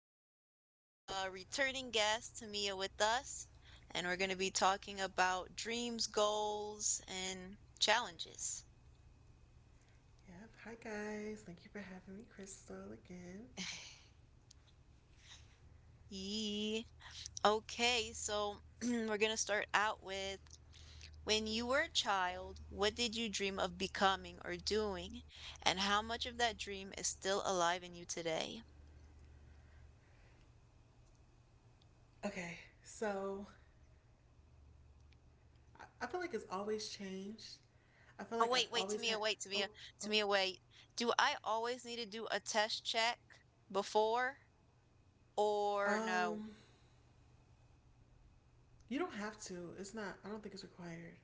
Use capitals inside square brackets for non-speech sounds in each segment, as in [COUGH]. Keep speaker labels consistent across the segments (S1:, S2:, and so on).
S1: our returning guest, Tamia, with us, and we're going to be talking about dreams, goals, and challenges.
S2: Yep. Hi, guys. Thank you for having me, Crystal, again.
S1: Yee. Okay, so [CLEARS THROAT] we're going to start out with when you were a child, what did you dream of becoming or doing, and how much of that dream is still alive in you today?
S2: Okay, so I feel like it's always changed. I feel
S1: Oh
S2: like I've
S1: wait,
S2: always had.
S1: Tamia, wait,
S2: Oh,
S1: Tamia,
S2: oh.
S1: Tamia, wait. Do I always need to do a test check before or no?
S2: Um, you don't have to. It's not. I don't think it's required.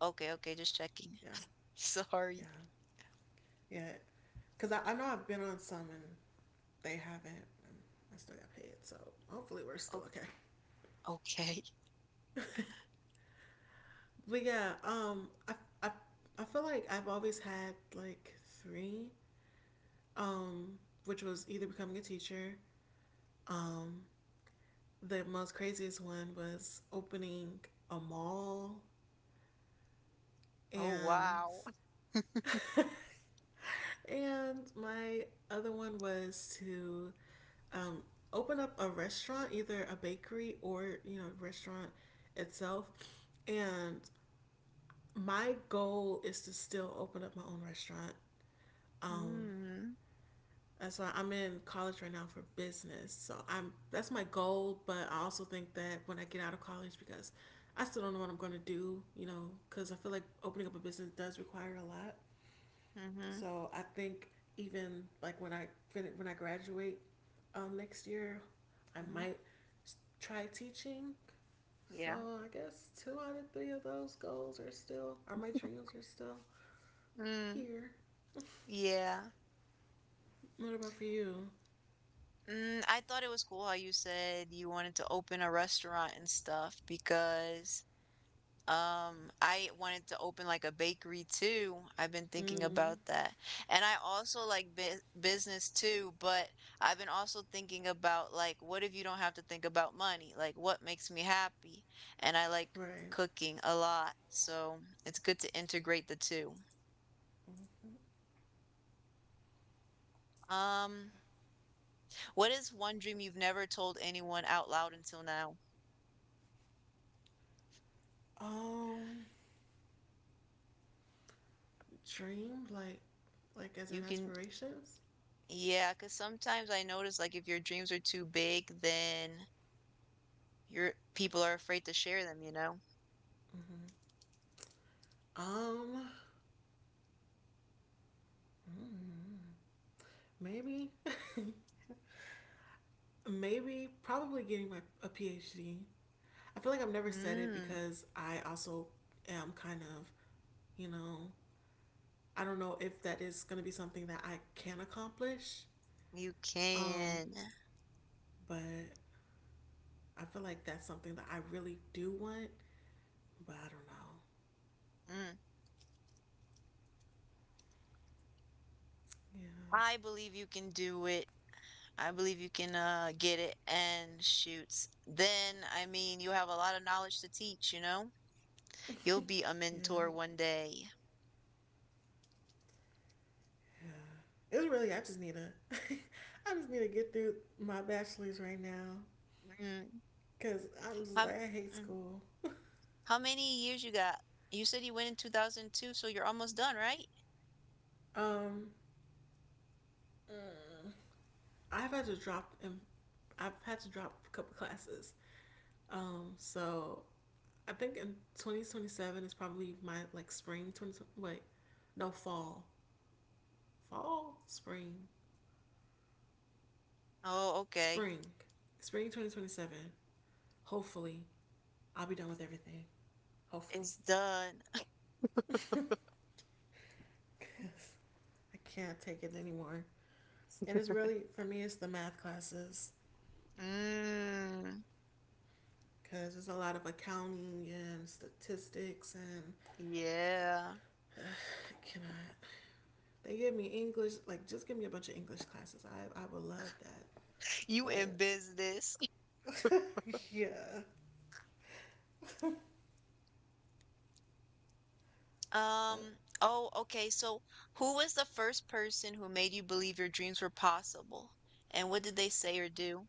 S1: Okay, okay, just checking.
S2: Yeah,
S1: [LAUGHS]
S2: yeah,
S1: Sorry.
S2: yeah. Cause I know I've been on some and they haven't. And I still got paid, so hopefully we're still
S1: Oh,
S2: okay.
S1: okay.
S2: [LAUGHS] But yeah, I, I feel like I've always had like three. Um, which was either becoming a teacher. Um, the most craziest one was opening a mall,
S1: Oh
S2: and
S1: wow.
S2: [LAUGHS] and my other one was to um, open up a restaurant, either a bakery or restaurant itself. And my goal is to still open up my own restaurant. Um,
S1: Mm,
S2: That's why I'm in college right now for business. So I'm that's my goal, but I also think that when I get out of college, because I still don't know what I'm going to do, because I feel like opening up a business does require a lot.
S1: mm-hmm.
S2: So I think even like when I graduate next year, I
S1: Mm-hmm.
S2: might try teaching. So
S1: Yeah.
S2: I guess two out of three of those goals are my dreams are still
S1: Mm,
S2: here.
S1: yeah.
S2: What about for you?
S1: Mm, I thought it was cool how you said you wanted to open a restaurant and stuff because I wanted to open like a bakery too. I've been thinking
S2: Mm,
S1: about that. And I also like bu business too, but I've been also thinking about like what if you don't have to think about money? Like what makes me happy? And I like
S2: right.
S1: cooking a lot, so it's good to integrate the two. Um, what is one dream you've never told anyone out loud until now?
S2: Um. Dream, like as in
S1: You can,
S2: aspirations.
S1: yeah, cause sometimes I notice like if your dreams are too big, then your people are afraid to share them, you know?
S2: Mm-hmm. Um, Maybe, [LAUGHS] maybe, probably getting my a PhD. I feel like I've never said it
S1: Mm,
S2: because I also am kind of, you know, I don't know if that is going to be something that I can accomplish.
S1: you
S2: Um,
S1: can.
S2: but I feel like that's something that I really do want, but I don't know.
S1: Mm. I
S2: Yeah.
S1: believe you can do it. I believe you can get it and shoots. Then, I mean, you have a lot of knowledge to teach, you know? You'll be a
S2: Yeah.
S1: mentor one day.
S2: Yeah. It was really I just need to [LAUGHS] I just need to get through my bachelor's right now.
S1: Mm.
S2: Cause I'm just
S1: How,
S2: like I hate
S1: mm.
S2: school.
S1: How many years you got? You said you went in 2002, so you're almost done, right?
S2: Um, I've had to drop and I've had to drop a couple classes. So I think in 2027 is probably my like spring 20 wait, no fall, fall
S1: Oh, okay.
S2: spring spring 2027. Hopefully, I'll be done with everything. Hopefully,
S1: It's done.
S2: cause I can't take it anymore. And
S1: [LAUGHS]
S2: it's really for me, it's the math classes
S1: Mm,
S2: because there's a lot of accounting and statistics and
S1: yeah.
S2: [SIGHS] uh, Can I? They give me English. Like, just give me a bunch of English classes. I would love that.
S1: You in
S2: But
S1: business.
S2: [LAUGHS] yeah. But
S1: Um, oh, okay. So, who was the first person who made you believe your dreams were possible? And what did they say or do?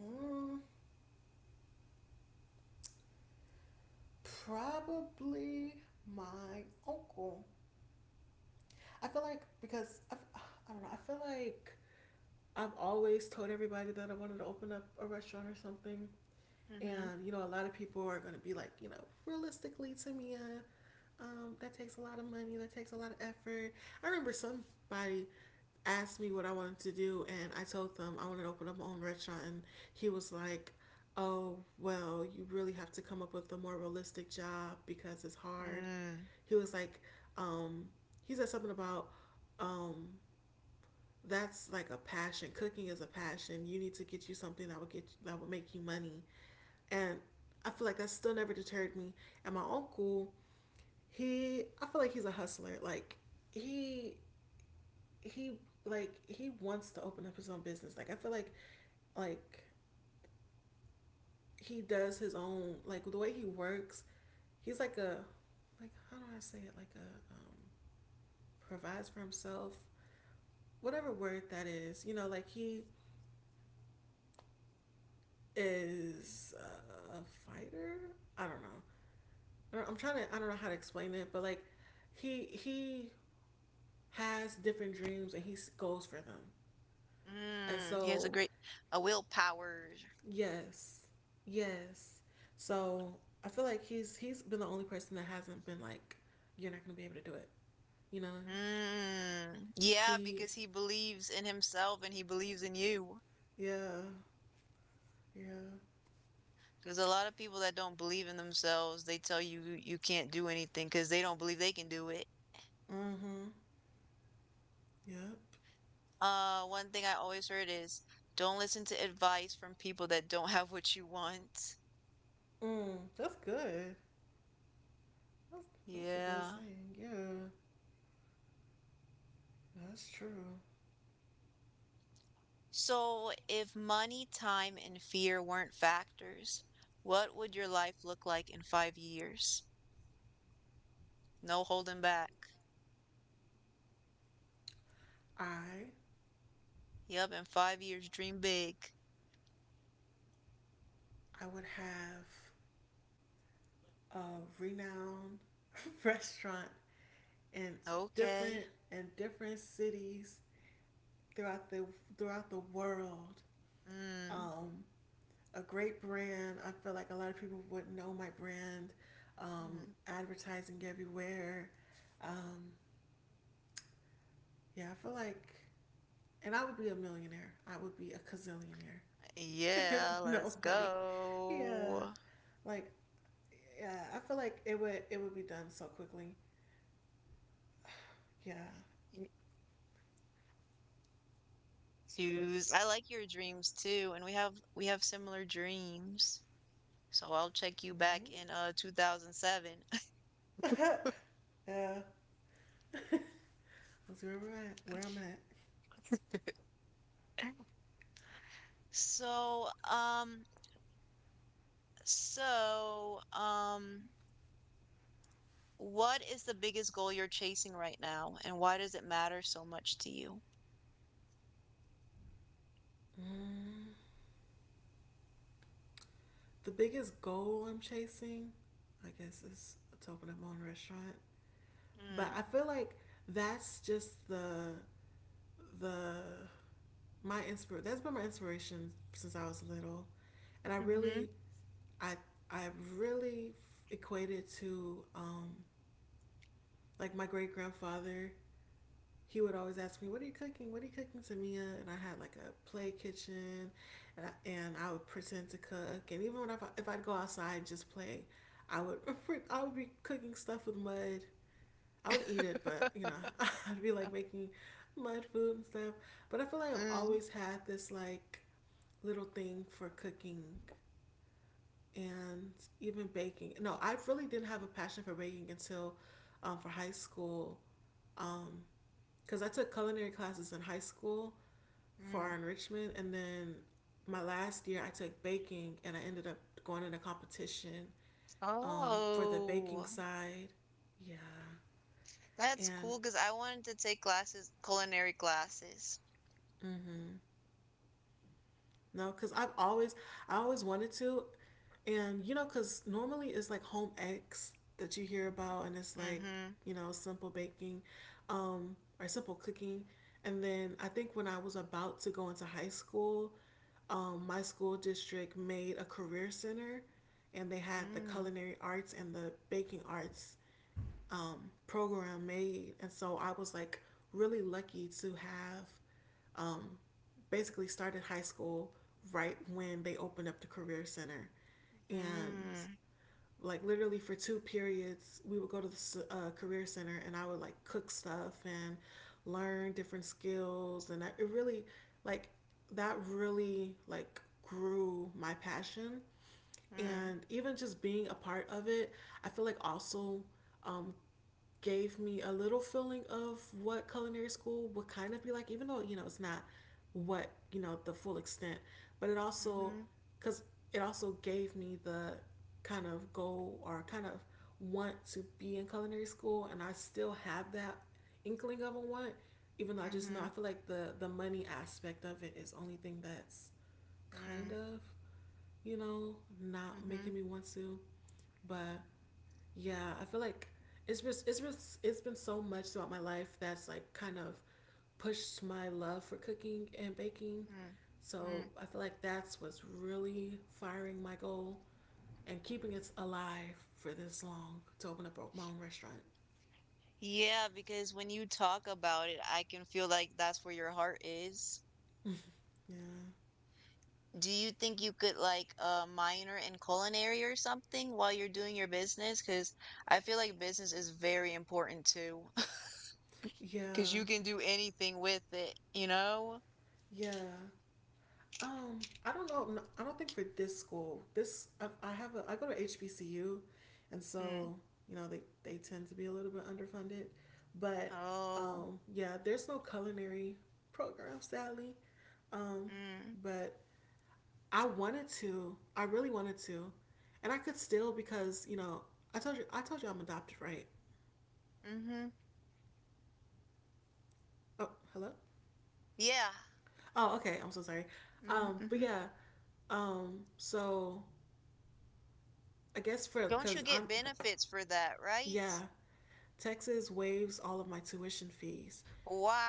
S2: mm, probably my uncle. I feel like because I've, [SIGHS] I don't know. I feel like I've always told everybody that I wanted to open up a restaurant or something.
S1: Mm-hmm.
S2: And a lot of people are going to be like, realistically, Tamia, that takes a lot of money. That takes a lot of effort. I remember somebody asked me what I wanted to do, and I told them I wanted to open up my own restaurant, and he was like, "Oh, well, you really have to come up with a more realistic job because it's hard."
S1: Mm.
S2: He was like, um, he said something about um, that's like a passion. Cooking is a passion. You need to get you something that would make you money. And I feel like that still never deterred me. And my uncle, he I feel like he's a hustler. Like he he like he wants to open up his own business. Like I feel like like he does his own, like, the way he works, he's like a, like, how do I say it? Like a provides for himself. Whatever word that is, like he is a fighter. I don't know. I'm trying to. I don't know how to explain it, but like he has different dreams and he goes for them. And
S1: Mm. He has a
S2: so
S1: great a willpower.
S2: yes, yes. So I feel like he's been the only person that hasn't been like you're not gonna be able to do it. You know
S1: Mm. Yeah,
S2: he.
S1: because he believes in himself and he believes in you.
S2: Yeah, yeah.
S1: Because a lot of people that don't believe in themselves, they tell you you can't do anything because they don't believe they can do it.
S2: Mm-hmm. Yep.
S1: One thing I always heard is don't listen to advice from people that don't have what you want.
S2: Mm, that's good. That's that's a good
S1: Yeah.
S2: saying. Yeah, that's true.
S1: So, if money, time, and fear weren't factors, what would your life look like in 5 years? No holding back.
S2: I
S1: Yep, in 5 years, dream big.
S2: I would have a renowned [LAUGHS] restaurant in
S1: Okay.
S2: different cities throughout the world.
S1: Mm,
S2: Um, a great brand. I feel like a lot of people would know my brand.
S1: mm,
S2: Advertising everywhere. Um, yeah, I feel like, and I would be a millionaire. I would be a gazillionaire [LAUGHS] if
S1: yeah, let's
S2: nobody. Yeah,
S1: go.
S2: like, yeah, I feel like it would be done so quickly. Yeah.
S1: Mm, Choose. I like your dreams too, and we have similar dreams. So I'll check you back in
S2: [LAUGHS]
S1: 2007. [LAUGHS]
S2: Yeah, that's where we're at. Where I'm at.
S1: So, um, so, what is the biggest goal you're chasing right now, and why does it matter so much to you?
S2: Mm. The biggest goal I'm chasing, I guess, is to open up my own restaurant. But
S1: Mm,
S2: I feel like that's just the my inspir. That's been my inspiration since I was little, and
S1: mhm,
S2: I I really equated to like my great grandfather. He would always ask me, "What are you cooking? What are you cooking, Samia?" And I had like a play kitchen, and I would pretend to cook. And even if I'd go outside and just play, I would [LAUGHS] I would be cooking stuff with mud. I would eat it, but [LAUGHS] I'd be like making mud food and stuff. But I feel like I've
S1: mm,
S2: always had this like little thing for cooking and even baking. No, I really didn't have a passion for baking until for high school because I took culinary classes in high school for our
S1: mm.
S2: enrichment, and then my last year I took baking, and I ended up going in a competition for the baking
S1: Oh,
S2: side. Yeah,
S1: that's
S2: and
S1: cool because I wanted to take classes, culinary classes.
S2: no, because I always wanted to, and because normally it's like home eggs that you hear about, and it's like,
S1: Mm-hmm.
S2: simple baking, or simple cooking, and then I think when I was about to go into high school, my school district made a career center, and they had the
S1: Mm,
S2: culinary arts and the baking arts program made, and so I was like really lucky to have basically started high school right when they opened up the career center and
S1: mm,
S2: like literally for two periods we would go to the career center and I would like cook stuff and learn different skills and it really like that really like grew my passion,
S1: mm,
S2: and even just being a part of it I feel like also um, gave me a little feeling of what culinary school would kind of be like, even though, it's not what, the full extent, but
S1: mm-hmm,
S2: because it also gave me the kind of goal or kind of want to be in culinary school. And I still have that inkling of a want, even though I just know,
S1: mm-hmm,
S2: I feel like the money aspect of it is the only thing that's kind
S1: mm,
S2: of, not making
S1: mm-hmm,
S2: me want to, but yeah, I feel like it's been so much throughout my life that's like kind of pushed my love for cooking and baking.
S1: mm,
S2: So
S1: mm.
S2: I feel like that's what's really firing my goal and keeping it alive for this long to open up my own restaurant.
S1: Yeah, because when you talk about it, I can feel like that's where your heart is.
S2: Yeah.
S1: Do you think you could like minor in culinary or something while you're doing your business? Because I feel like business is very important too. [LAUGHS] Because
S2: Yeah.
S1: you can do anything with it, you know?
S2: Yeah. I don't know. No, I don't think for this school. This I have a I go to HBCU, and
S1: Mm.
S2: so they tend to be a little bit underfunded, but
S1: Oh.
S2: yeah, there's no culinary program sadly. Um,
S1: Mm.
S2: but I wanted to. I really wanted to, and I could still because I told you I'm adopted, right?
S1: Mm-hmm.
S2: Oh, hello.
S1: Yeah.
S2: Oh, okay. I'm so sorry. But
S1: Mm-hmm.
S2: yeah. So I guess for
S1: Don't you
S2: because
S1: get
S2: I'm.
S1: benefits for that,
S2: Yeah.
S1: right?
S2: Texas waives all of my tuition fees.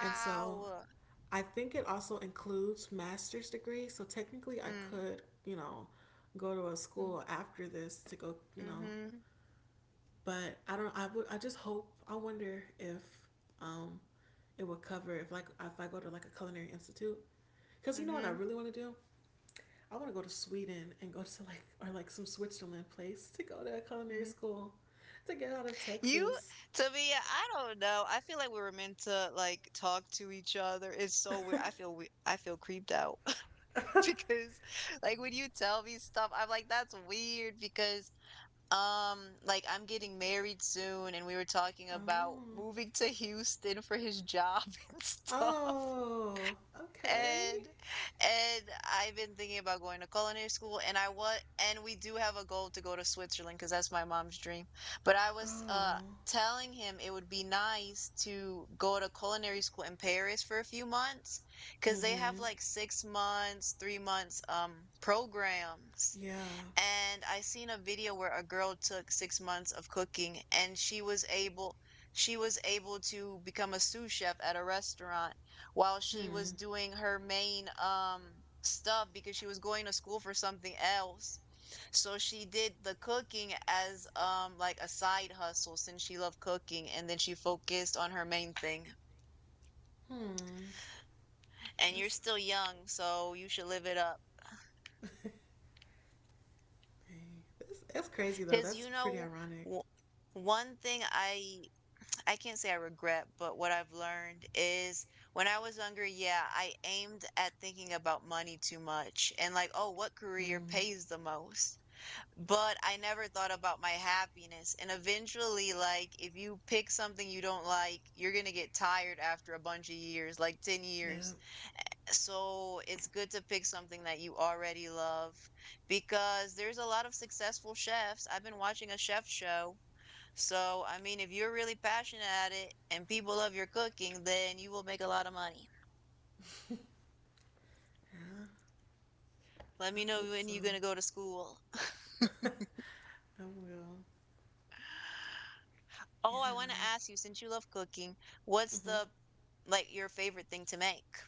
S2: And so I think it also includes master's degree. So technically I
S1: Mm.
S2: could, go to a school after this to go,
S1: Mm-hmm.
S2: but I don't I would I just hope I wonder if um it would cover if like if I go to like a culinary institute cuz you know what I
S1: Mm-hmm.
S2: really want to do? I want to go to Sweden and go to like or like some Switzerland place to go to a culinary
S1: Mm-hmm.
S2: school to get out of
S1: You,
S2: Texas.
S1: Tamia, I don't know. I feel like we were meant to like talk to each other. It's so weird. I feel we I feel creeped out [LAUGHS] because like when you tell me stuff, I'm like, that's weird because like I'm getting married soon and we were talking about
S2: Oh.
S1: moving to Houston for his job [LAUGHS] and stuff.
S2: Oh. Okay.
S1: And I've been thinking about going to culinary school and I was and we do have a goal to go to Switzerland because that's my mom's dream. But I was
S2: Oh.
S1: telling him it would be nice to go to culinary school in Paris for a few months because they have
S2: Mm-hmm.
S1: like 6 months, 3 months programs.
S2: Yeah.
S1: And I seen a video where a girl took 6 months of cooking and she was able to become a sous chef at a restaurant while she was
S2: Hmm.
S1: doing her main stuff because she was going to school for something else. So she did the cooking as like a side hustle since she loved cooking and then she focused on her main thing.
S2: Hmm.
S1: And you're
S2: That's
S1: still young, so you should live it up.
S2: dang. That's crazy though.
S1: Because
S2: That's
S1: you
S2: pretty
S1: know,
S2: ironic.
S1: w- one thing I can't say I regret, but what I've learned is when I was younger, yeah, I aimed at thinking about money too much and like, oh, what career
S2: Hmm.
S1: pays the most? But I never thought about my happiness. And eventually, like, if you pick something you don't like, you're gonna get tired after a bunch of years, like 10
S2: Yeah.
S1: years. So it's good to pick something that you already love because there's a lot of successful chefs. I've been watching a chef show so, I mean, if you're really passionate at it and people love your cooking, then you will make a lot of money.
S2: Yeah.
S1: Let
S2: I
S1: me know
S2: hope
S1: when
S2: so.
S1: you're gonna go to school. [LAUGHS]
S2: [LAUGHS] I will. Yeah.
S1: Oh, I want to ask you, since you love cooking, what's
S2: Mm-hmm.
S1: the like your favorite thing to make?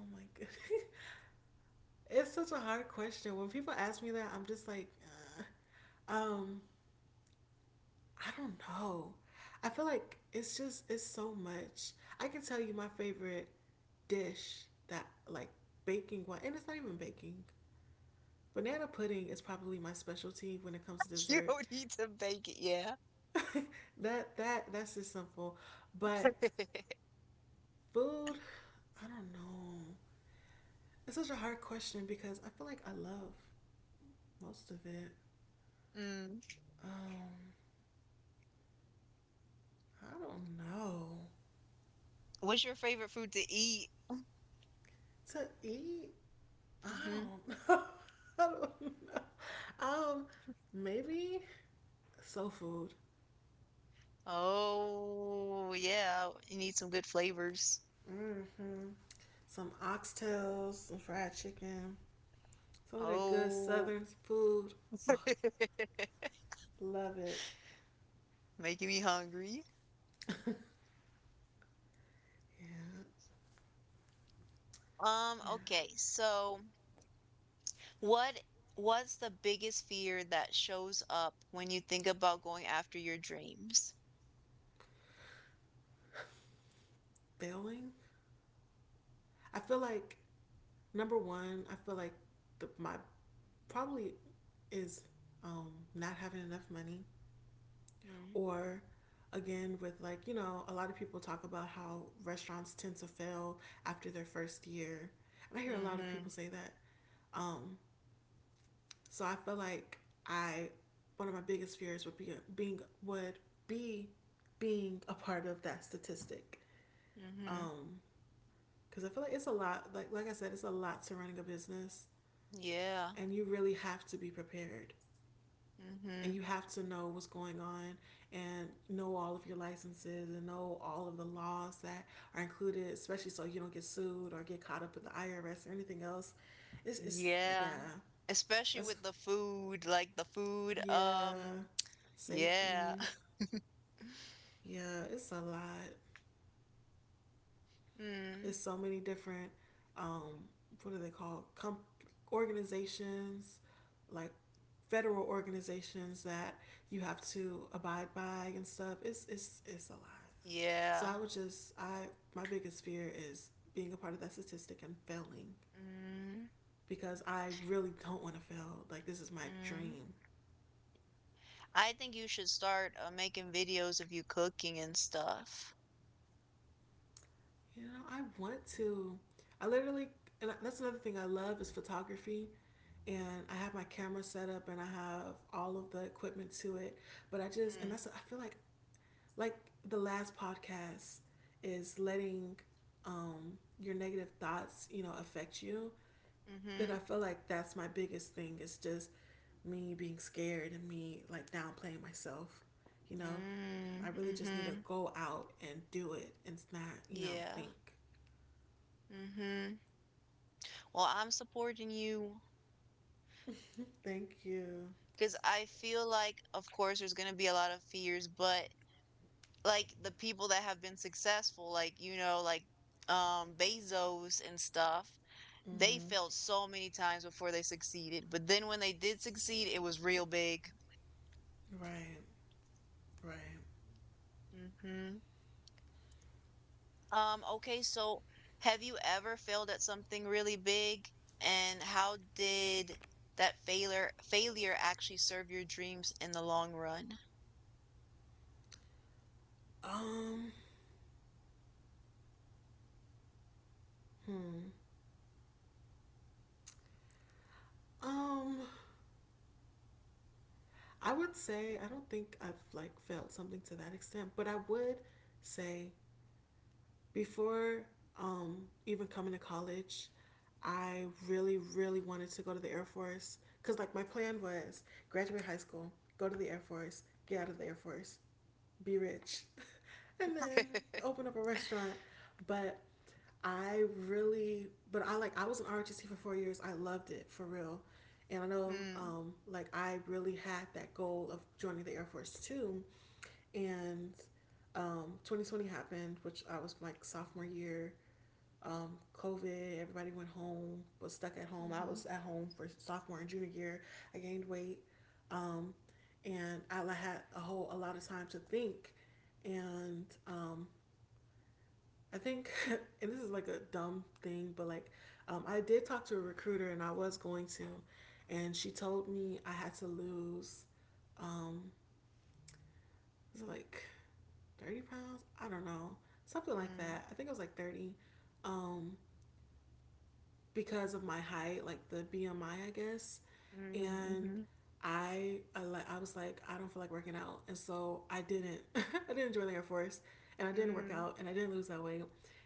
S2: Oh my goodness. [LAUGHS] It's such a hard question. When people ask me that, I'm just like, uh, um, I don't know. I feel like it's so much. I can tell you my favorite dish that like baking one, and it's not even baking. Banana pudding is probably my specialty when it comes to
S1: [LAUGHS] You
S2: dessert.
S1: don't need to bake it, yeah.
S2: [LAUGHS] That's just simple. But
S1: [LAUGHS]
S2: food, I don't know. It's such a hard question because I feel like I love most of it.
S1: Mm.
S2: Um, I don't know.
S1: What's your favorite food to eat?
S2: To eat, I
S1: Hmm.
S2: don't know. [LAUGHS] I don't know. Um, Maybe soul food.
S1: Oh, yeah. You need some good flavors.
S2: Mm-hmm. Some oxtails, some fried chicken. Some of that good
S1: Oh,
S2: Southern food. Oh,
S1: [LAUGHS]
S2: love it.
S1: making me hungry.
S2: Yeah, yeah.
S1: Okay, so What what's the biggest fear that shows up when you think about going after your dreams?
S2: Bailing. I feel like number one. I feel like my probably is not having enough money,
S1: Mm,
S2: or again with, like, you know, a lot of people talk about how restaurants tend to fail after their first year, and I hear a lot of
S1: mhm.
S2: people say that. um, So I feel like I, one of my biggest fears would be being would be being a part of that statistic.
S1: Mhm.
S2: Um because I feel like it's a lot, like I said, it's a lot to running a business,
S1: Yeah.
S2: and you really have to be prepared, and
S1: Mhm.
S2: you have to know what's going on and know all of your licenses and know all of the laws that are included, especially so you don't get sued or get caught up with the IRS or anything else. It's yeah.
S1: Yeah. Especially
S2: That's
S1: with the food, like the food,
S2: yeah.
S1: yeah.
S2: Safety.
S1: [LAUGHS]
S2: Yeah, it's a lot.
S1: Mm,
S2: It's so many different, um, what are they called? Com- organizations, like federal organizations that you have to abide by and stuff. It's a lot. So
S1: yeah.
S2: I would just I my biggest fear is being a part of that statistic and failing,
S1: Mm,
S2: because I really don't want to fail. Like, this is my
S1: mm.
S2: dream.
S1: I think you should start making videos of you cooking and stuff.
S2: You know, I want to. I literally, and that's another thing I love is photography. And I have my camera set up and I have all of the equipment to it. But I just, and
S1: Mm,
S2: that's, I feel like the last podcast is letting your negative thoughts, you know, affect you. But
S1: mm-hmm.
S2: I feel like that's my biggest thing is just me being scared and me, like, downplaying myself. You know, I
S1: Mm,
S2: really just need to
S1: mm-hmm.
S2: go out and do it and not, you know,
S1: Yeah.
S2: think.
S1: Mm-hmm. Well, I'm supporting you
S2: Thank you.
S1: because I feel like, of course, there's going to be a lot of fears, but like the people that have been successful, like, you know, like Bezos and stuff, they
S2: Mm-hmm.
S1: failed so many times before they succeeded. But then when they did succeed, it was real big.
S2: Right, right.
S1: Mhm. Okay, so have you ever failed at something really big? And how did that failure actually serve your dreams in the long run?
S2: Um, hmm. Um, I would say I don't think I've, like, felt something to that extent, but I would say before, even coming to college, I really, really wanted to go to the Air Force because, like, my plan was graduate high school, go to the Air Force, get out of the Air Force, be rich, [LAUGHS] and then open up a
S1: [LAUGHS]
S2: restaurant. But I really, but I like, I was an ROTC for 4 years. I loved it for real. And I know, like, I really had that goal of joining the Air Force too. And 2020 happened, which I was like sophomore year. COVID, everybody went home, was stuck at home. I
S1: Mm-hmm.
S2: was at home for sophomore and junior year. I gained weight, um, and I had a whole a lot of time to think. And I think, [LAUGHS] and this is like a dumb thing, but like, I did talk to a recruiter, and I was going to, and she told me I had to lose, um, it was like 30 pounds, I don't know, something like
S1: Mm,
S2: that, I think it was like 30, um because of my height, like the BMI, I guess.
S1: mm,
S2: And
S1: mhm,
S2: I was like, I don't feel like working out, and so I didn't. [LAUGHS] I didn't join the Air Force, and I didn't work
S1: mm,
S2: out, and I didn't lose that weight.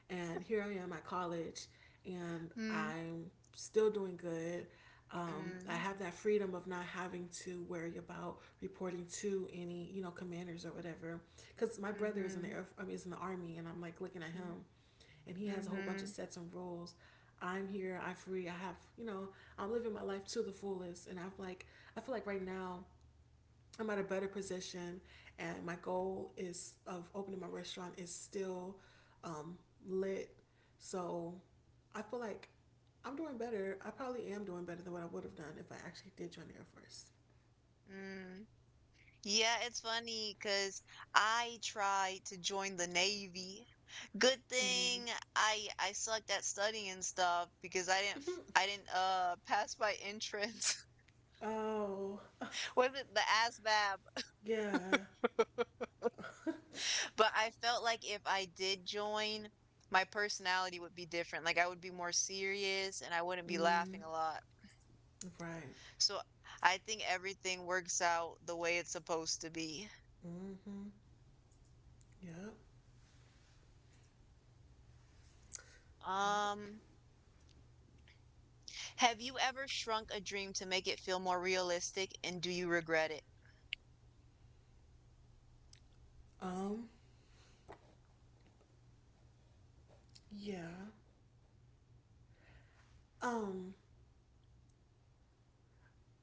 S2: And here I am at college, and
S1: mm,
S2: I'm still doing good. I
S1: mm,
S2: have that freedom of not having to worry about reporting to any, you know, commanders or whatever. Because my brother is in the
S1: mhm,
S2: air, I mean, is in the army, and I'm like looking at
S1: mm,
S2: him, and he has a whole bunch of
S1: mhm,
S2: sets and rules. I'm here, I'm free, I have, you know, I'm living my life to the fullest. And I'm like, I feel like right now I'm at a better position, and my goal is of opening my restaurant is still um, lit. So I feel like I'm doing better. I probably am doing better than what I would have done if I actually did join the Air Force.
S1: mm. Yeah, it's funny because I tried to join the Navy. Good
S2: Mm-hmm.
S1: thing I sucked at studying and stuff because I didn't I didn't pass my entrance.
S2: Oh,
S1: [LAUGHS] Was it the ASVAB?
S2: [LAUGHS] yeah.
S1: But I felt like if I did join, my personality would be different. Like I would be more serious and I wouldn't be laughing
S2: Mm,
S1: a lot.
S2: right.
S1: So I think everything works out the way it's supposed to be.
S2: Mm-hmm. Yep. Yep.
S1: Um, have you ever shrunk a dream to make it feel more realistic and do you regret it?
S2: Um, yeah. Um,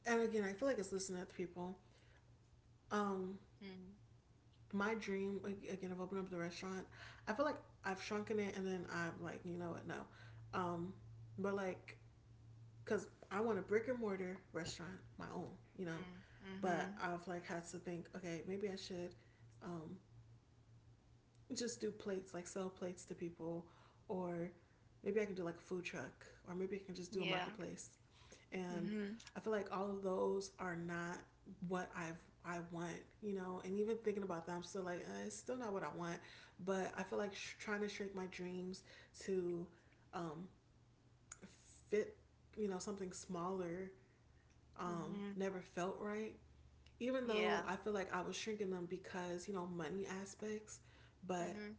S2: and again, I feel like it's listening to people. Um,
S1: Mm,
S2: my dream ag- again of opening up the restaurant, I feel like I've shrunken it, and then I'm like, you know what, no. Um, but like, cause I want a brick and mortar restaurant, my own, you know.
S1: mm, mm-hmm.
S2: But I've like had to think, okay, maybe I should, um, just do plates, like sell plates to people, or maybe I can do like a food truck, or maybe I can just do a
S1: Yeah.
S2: marketplace. And
S1: Mm-hmm.
S2: I feel like all of those are not what I want, you know. And even thinking about that, I'm still like, eh, it's still not what I want. But I feel like sh- trying to shrink my dreams to, um, fit, you know, something smaller,
S1: Mm-hmm.
S2: never felt right. Even though
S1: Yeah.
S2: I feel like I was shrinking them because you know money aspects, but
S1: Mm-hmm.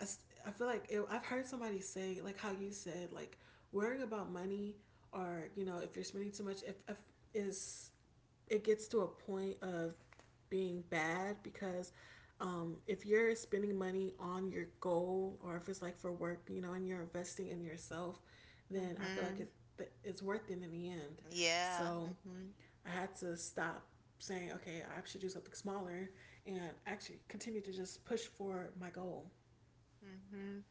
S2: I feel like it, I've heard somebody say, like how you said, like worrying about money or, you know, if you're spending too much, if is, it gets to a point of being bad because, if you're spending money on your goal or if it's like for work, you know, and you're investing in yourself, then I feel like
S1: Mm-hmm.
S2: it's worth it in the end.
S1: Yeah.
S2: So
S1: Mm-hmm.
S2: I had to stop saying, okay, I should do something smaller and actually continue to just push for my goal.
S1: Mm-hmm.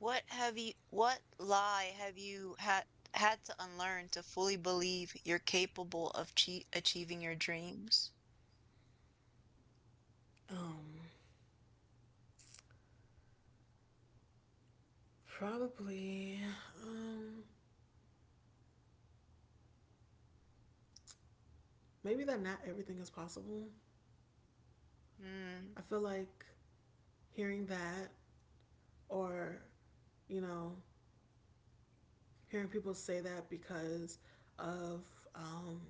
S1: What lie have you had to unlearn to fully believe you're capable of achieving your dreams?
S2: Um, Probably. Um, maybe that not everything is possible.
S1: Mm,
S2: I feel like hearing that or, you know, hearing people say that because of, um,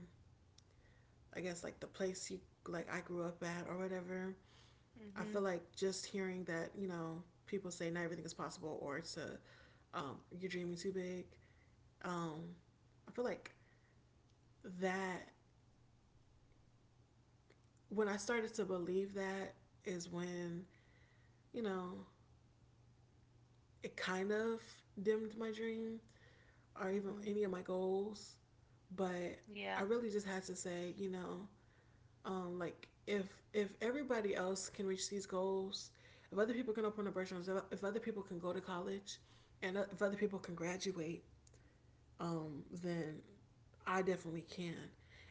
S2: I guess, like the place like I grew up at or whatever. I
S1: mm-hmm,
S2: feel like just hearing that, you know, people say not everything is possible or it's a, you're dreaming too big. Um, I feel like that when I started to believe that is when, you know, it kind of dimmed my dream or even
S1: mm-hmm,
S2: any of my goals. But
S1: yeah,
S2: I really just had to say, you know, like if everybody else can reach these goals, if other people can open up restaurants, if other people can go to college, and if other people can graduate, then I definitely can.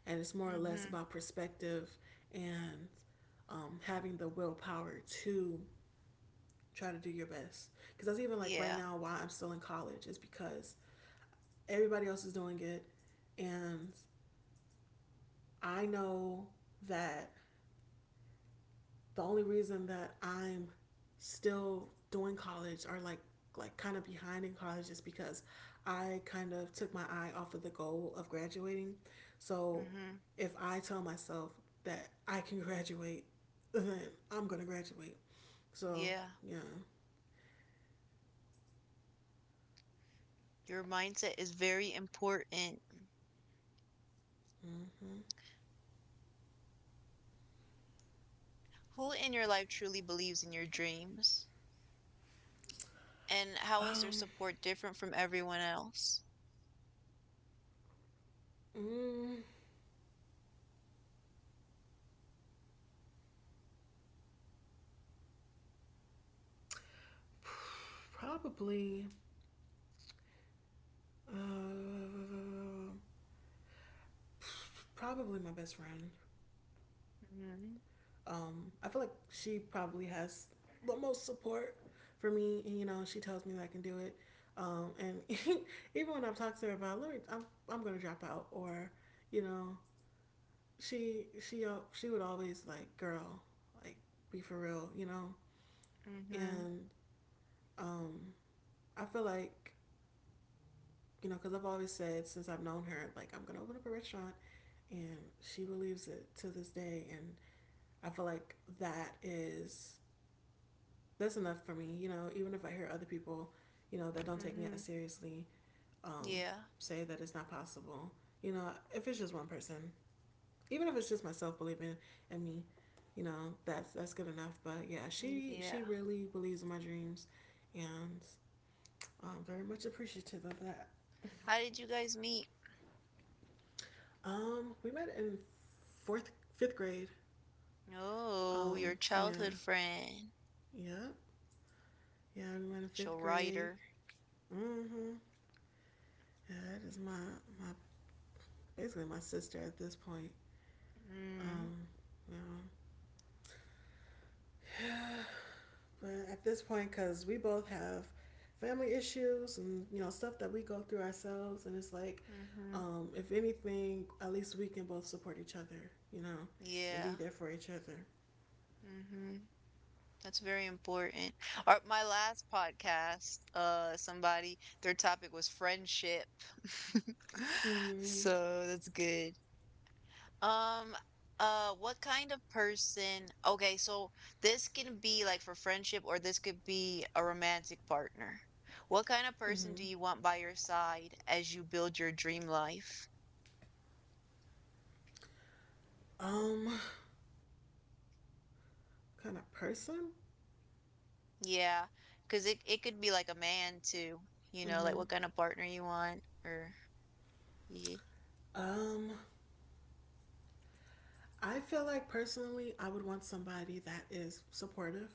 S2: And it's more or less
S1: mm-hmm,
S2: about perspective and, having the willpower to try to do your best. Because that's even like right
S1: yeah,
S2: now why I'm still in college is because everybody else is doing it. And I know that the only reason that I'm still doing college or like kind of behind in college is because I kind of took my eye off of the goal of graduating. So
S1: mm-hmm,
S2: if I tell myself that I can graduate, [LAUGHS] then I'm gonna graduate. So
S1: yeah.
S2: yeah.
S1: Your mindset is very important.
S2: Mm-hmm.
S1: Who in your life truly believes in your dreams? And how is their
S2: Um.
S1: support different from everyone else?
S2: Mm, Probably, uh, probably my best friend.
S1: Mm-hmm,
S2: I feel like she probably has the most support for me, and you know, she tells me that I can do it. And [LAUGHS] even when I've talked to her about, let me, I'm gonna drop out, or you know, she would always like, girl, like be for real, you know.
S1: mm-hmm,
S2: And um, I feel like you know, because I've always said since I've known her, like, I'm going to open up a restaurant. And she believes it to this day. And I feel like that is, that's enough for me. You know, even if I hear other people, you know, that don't take me as
S1: mm-hmm,
S2: seriously, um,
S1: yeah,
S2: say that it's not possible, you know, if it's just one person, even if it's just myself believing in me, you know, that's good enough. But yeah,
S1: mm, yeah.
S2: she really believes in my dreams, and I'm very much appreciative of that.
S1: How did you guys meet?
S2: We met in fourth, fifth grade.
S1: Oh, your
S2: Um,
S1: childhood
S2: yeah,
S1: friend,
S2: yeah, yeah. We met in
S1: she'll
S2: fifth
S1: write
S2: grade.
S1: her.
S2: Mm-hmm. Yeah, that is my basically my sister at this point.
S1: Mm,
S2: Um, yeah. But at this point, because we both have family issues and you know stuff that we go through ourselves, and it's like,
S1: mm-hmm.
S2: if anything, at least we can both support each other, you know, and
S1: Yeah.
S2: be there for each other.
S1: Mm-hmm. That's very important. My last podcast, somebody, their topic was friendship. [LAUGHS]
S2: Mm-hmm.
S1: So that's good. Um, what kind of person? Okay, so this can be like for friendship, or this could be a romantic partner. What kind of person do
S2: Mm-hmm.
S1: you want by your side as you build your dream life?
S2: Um, kind of person.
S1: Yeah, cause it could be like a man too, you know, like
S2: Mm-hmm.
S1: what kind of partner you want or yeah.
S2: Um, I feel like personally, I would want somebody that is supportive,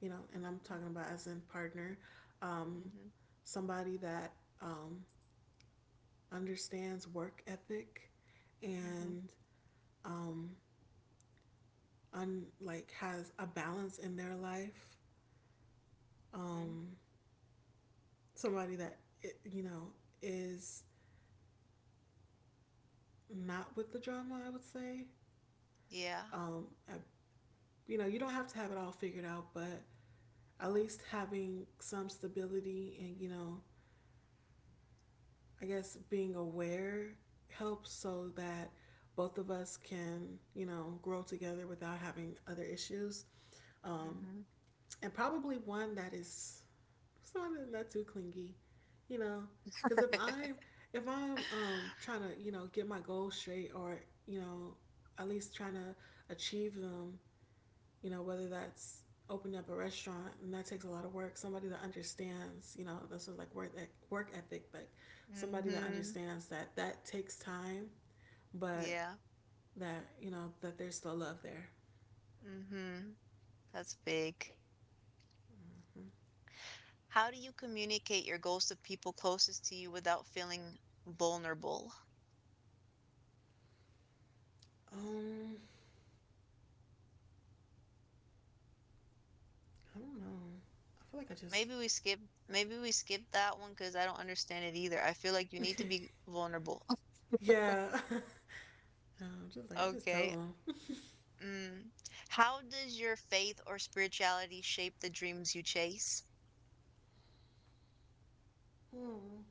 S2: you know, and I'm talking about as in partner, um,
S1: Mm-hmm,
S2: somebody that, um, understands work ethic
S1: hmm,
S2: and, um, like has a balance in their life.
S1: hmm.
S2: Um, somebody that it, you know is not with the drama. I would say,
S1: Yeah.
S2: um, I, you know, you don't have to have it all figured out, but at least having some stability and, you know, I guess being aware helps so that both of us can, you know, grow together without having other issues. Um,
S1: Hmm.
S2: and probably one that is not too clingy, you know, because if
S1: Hmm. [LAUGHS]
S2: I'm if I'm um, trying to, you know, get my goals straight or, you know, at least trying to achieve them, you know, whether that's opening up a restaurant, and that takes a lot of work. Somebody that understands, you know, this is like work, that work ethic, like somebody that understands that that takes time, but
S1: Yeah.
S2: that you know that there's still love there.
S1: Hmm. That's big. How do you communicate your goals to people closest to you without feeling vulnerable?
S2: Mm-hmm. I don't know. I feel like I just
S1: Maybe we skip maybe we skip that one, cause I don't understand it either. I feel like you need to
S2: [LAUGHS]
S1: be vulnerable. [LAUGHS]
S2: yeah, [LAUGHS] I'm just like I just tell
S1: Okay.
S2: them.
S1: Mm. How does your faith or spirituality shape the dreams you chase?
S2: Mm.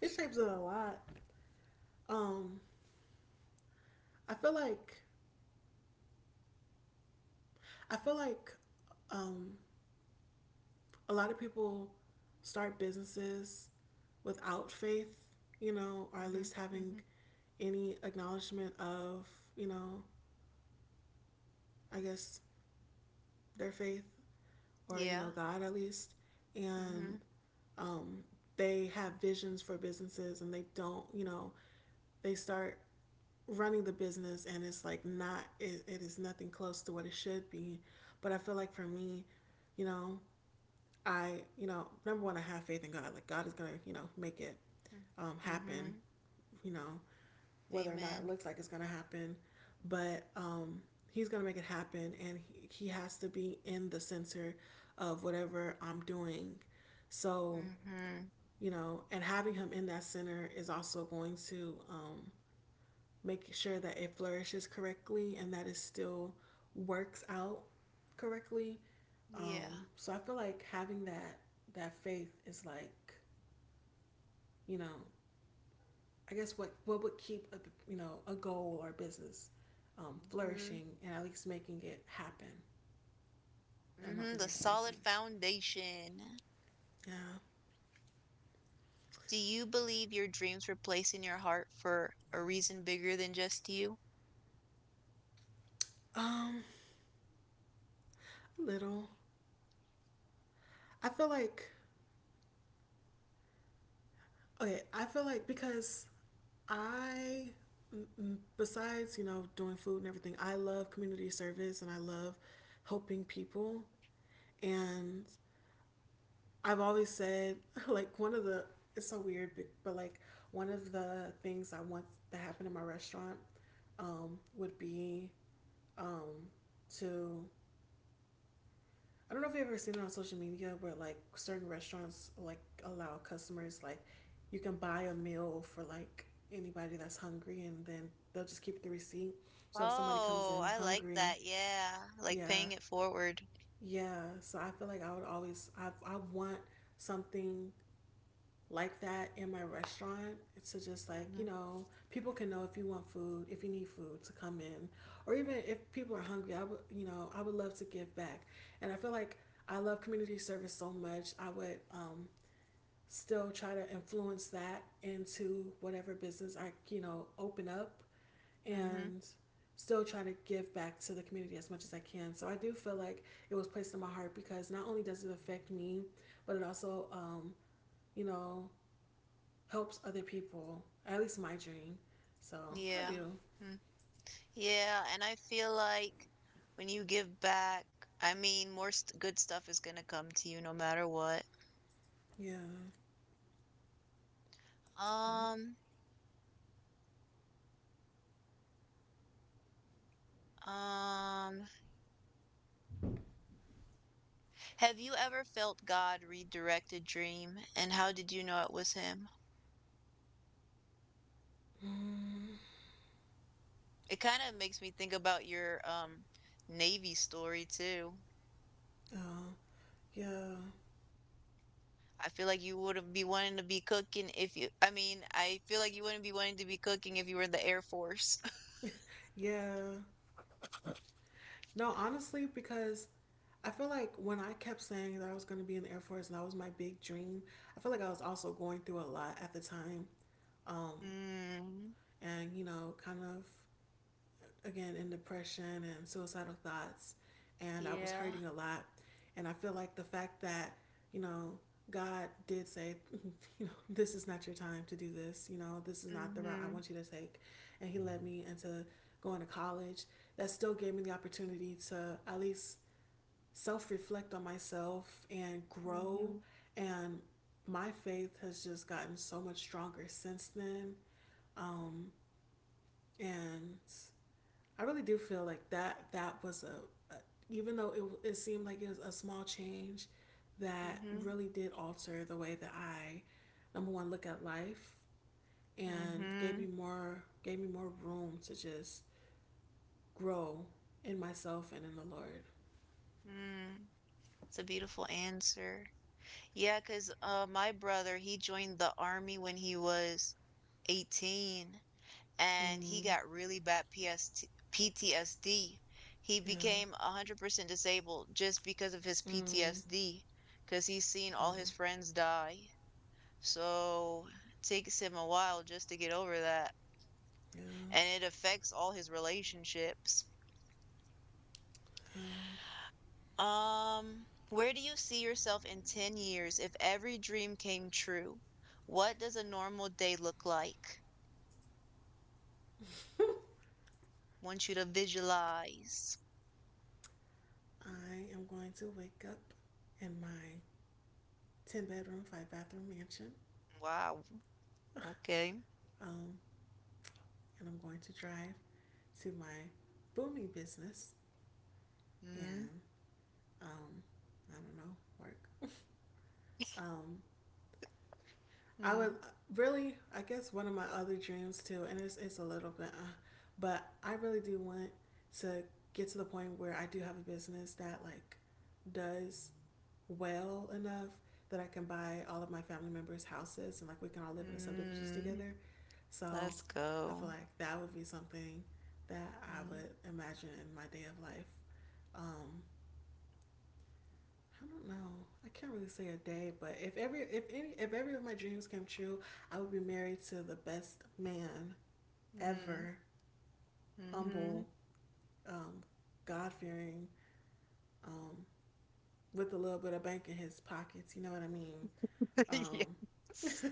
S2: It shapes it a lot. Um, I feel like I feel like um a lot of people start businesses without faith, you know, or at
S1: Mm-hmm.
S2: least having
S1: Mm-hmm.
S2: any acknowledgement of, you know, I guess their faith or, you
S1: Yeah.
S2: know, God at least.
S1: Mm-hmm.
S2: And um, they have visions for businesses, and they don't, you know, they start running the business, and it's like not, it is nothing close to what it should be. But I feel like for me, you know, I, you know, number one, I have faith in God. Like God is gonna, you know, make it
S1: Mm,
S2: happen.
S1: mm-hmm.
S2: You know, whether or not it
S1: Amen.
S2: looks like it's gonna happen, but He's gonna make it happen, and he has to be in the center of whatever I'm doing. So,
S1: Mm-hmm.
S2: you know, and having Him in that center is also going to make sure that it flourishes correctly and that it still works out correctly.
S1: Yeah.
S2: So I feel like having that faith is like you know I guess what would keep a you know a goal or a business
S1: Mm-hmm.
S2: flourishing and at least making it happen. I don't know if
S1: Mm-hmm. The
S2: any of that makes
S1: solid
S2: sense.
S1: foundation.
S2: Yeah.
S1: Do you believe your dreams were placed in your heart for a reason bigger than just you?
S2: Um, a little. I feel like, okay, I feel like because I, besides, you know, doing food and everything, I love community service and I love helping people. And I've always said, [LAUGHS] like, one of the, it's so weird, but like, one of the things I want to happen in my restaurant would be um, to, I don't know if you've ever seen it on social media where like certain restaurants like allow customers like you can buy a meal for like anybody that's hungry, and then they'll just keep the receipt. So if somebody comes
S1: Oh,
S2: in
S1: I like
S2: hungry,
S1: that. Yeah. Like
S2: yeah,
S1: paying it forward.
S2: yeah. So I feel like I would always I want something like that in my restaurant, to just like you
S1: Mm-hmm.
S2: know people can know if you want food, if you need food, to come in, or even if people are hungry, I would, you know, I would love to give back. And I feel like I love community service so much, I would still try to influence that into whatever business I, you know, open up,
S1: Mm-hmm.
S2: and still try to give back to the community as much as I can. So I do feel like it was placed in my heart because not only does it affect me, but it also you know helps other people. At least my dream. So I
S1: Yeah.
S2: do.
S1: Yeah, and I feel like when you give back, I mean, more st good stuff is gonna come to you no matter what.
S2: Yeah. Yeah.
S1: Um, um, have you ever felt God redirect a dream, and how did you know it was him? It kind of makes me think about your Navy story too.
S2: Uh, yeah.
S1: I feel like you wouldn't be wanting to be cooking if you, I mean, I feel like you wouldn't be wanting to be cooking if you were in the Air Force. [LAUGHS]
S2: Yeah. No, honestly, because I feel like when I kept saying that I was going to be in the Air Force and that was my big dream, I feel like I was also going through a lot at the time. Um,
S1: Mm,
S2: and, you know, kind of again in depression and suicidal thoughts, and I was
S1: yeah.
S2: hurting a lot. And I feel like the fact that, you know, God did say, [LAUGHS] you know, this is not your time to do this. You know, this is not the route I
S1: Mm-hmm.
S2: want you to take. And He led me into going to college. That still gave me the opportunity to at least self reflect on myself and grow.
S1: Mm-hmm.
S2: And my faith has just gotten so much stronger since then. And I really do feel like that that was a even though it seemed like it was a small change that
S1: Mm-hmm.
S2: really did alter the way that I number one look at life and gave
S1: Mm-hmm.
S2: me more gave me more room to just grow in myself and in the Lord.
S1: Mm. It's a beautiful answer. Yeah, cause my brother, he joined the army when he was 18 and he
S2: Mm,
S1: got really bad PST PTSD. He
S2: yeah.
S1: became 100% disabled just because of his
S2: Mm,
S1: PTSD, cause he's seen all his
S2: mm,
S1: friends die. So, takes him a while just to get over that,
S2: yeah.
S1: and it affects all his relationships.
S2: Um,
S1: Where do you see yourself in 10 years if every dream came true? What does a normal day look like? Want you to visualize.
S2: I am going to wake up in my 10 bedroom, 5 bathroom mansion.
S1: Wow. Okay.
S2: Um, and I'm going to drive to my booming business,
S1: Mm,
S2: and um, I don't know, work. Um, I would
S1: mm,
S2: really, I guess, one of my other dreams too, and it's a little bit, but I really do want to get to the point where I do have a business that like does well enough that I can buy all of my family members houses, and like we can all live in a subdivisions
S1: mm.
S2: together. So
S1: Let's
S2: I
S1: go.
S2: feel like that would be something that I
S1: Mm,
S2: would imagine in my day of life. Um, I don't know. I can't really say a day, but if every of my dreams came true, I would be married to the best man
S1: mm,
S2: ever.
S1: mm-hmm.
S2: Humble, um, God fearing, um, with a little bit of bank in his pockets. You know what I mean? Um,
S1: [LAUGHS]
S2: [LAUGHS]
S1: Yes.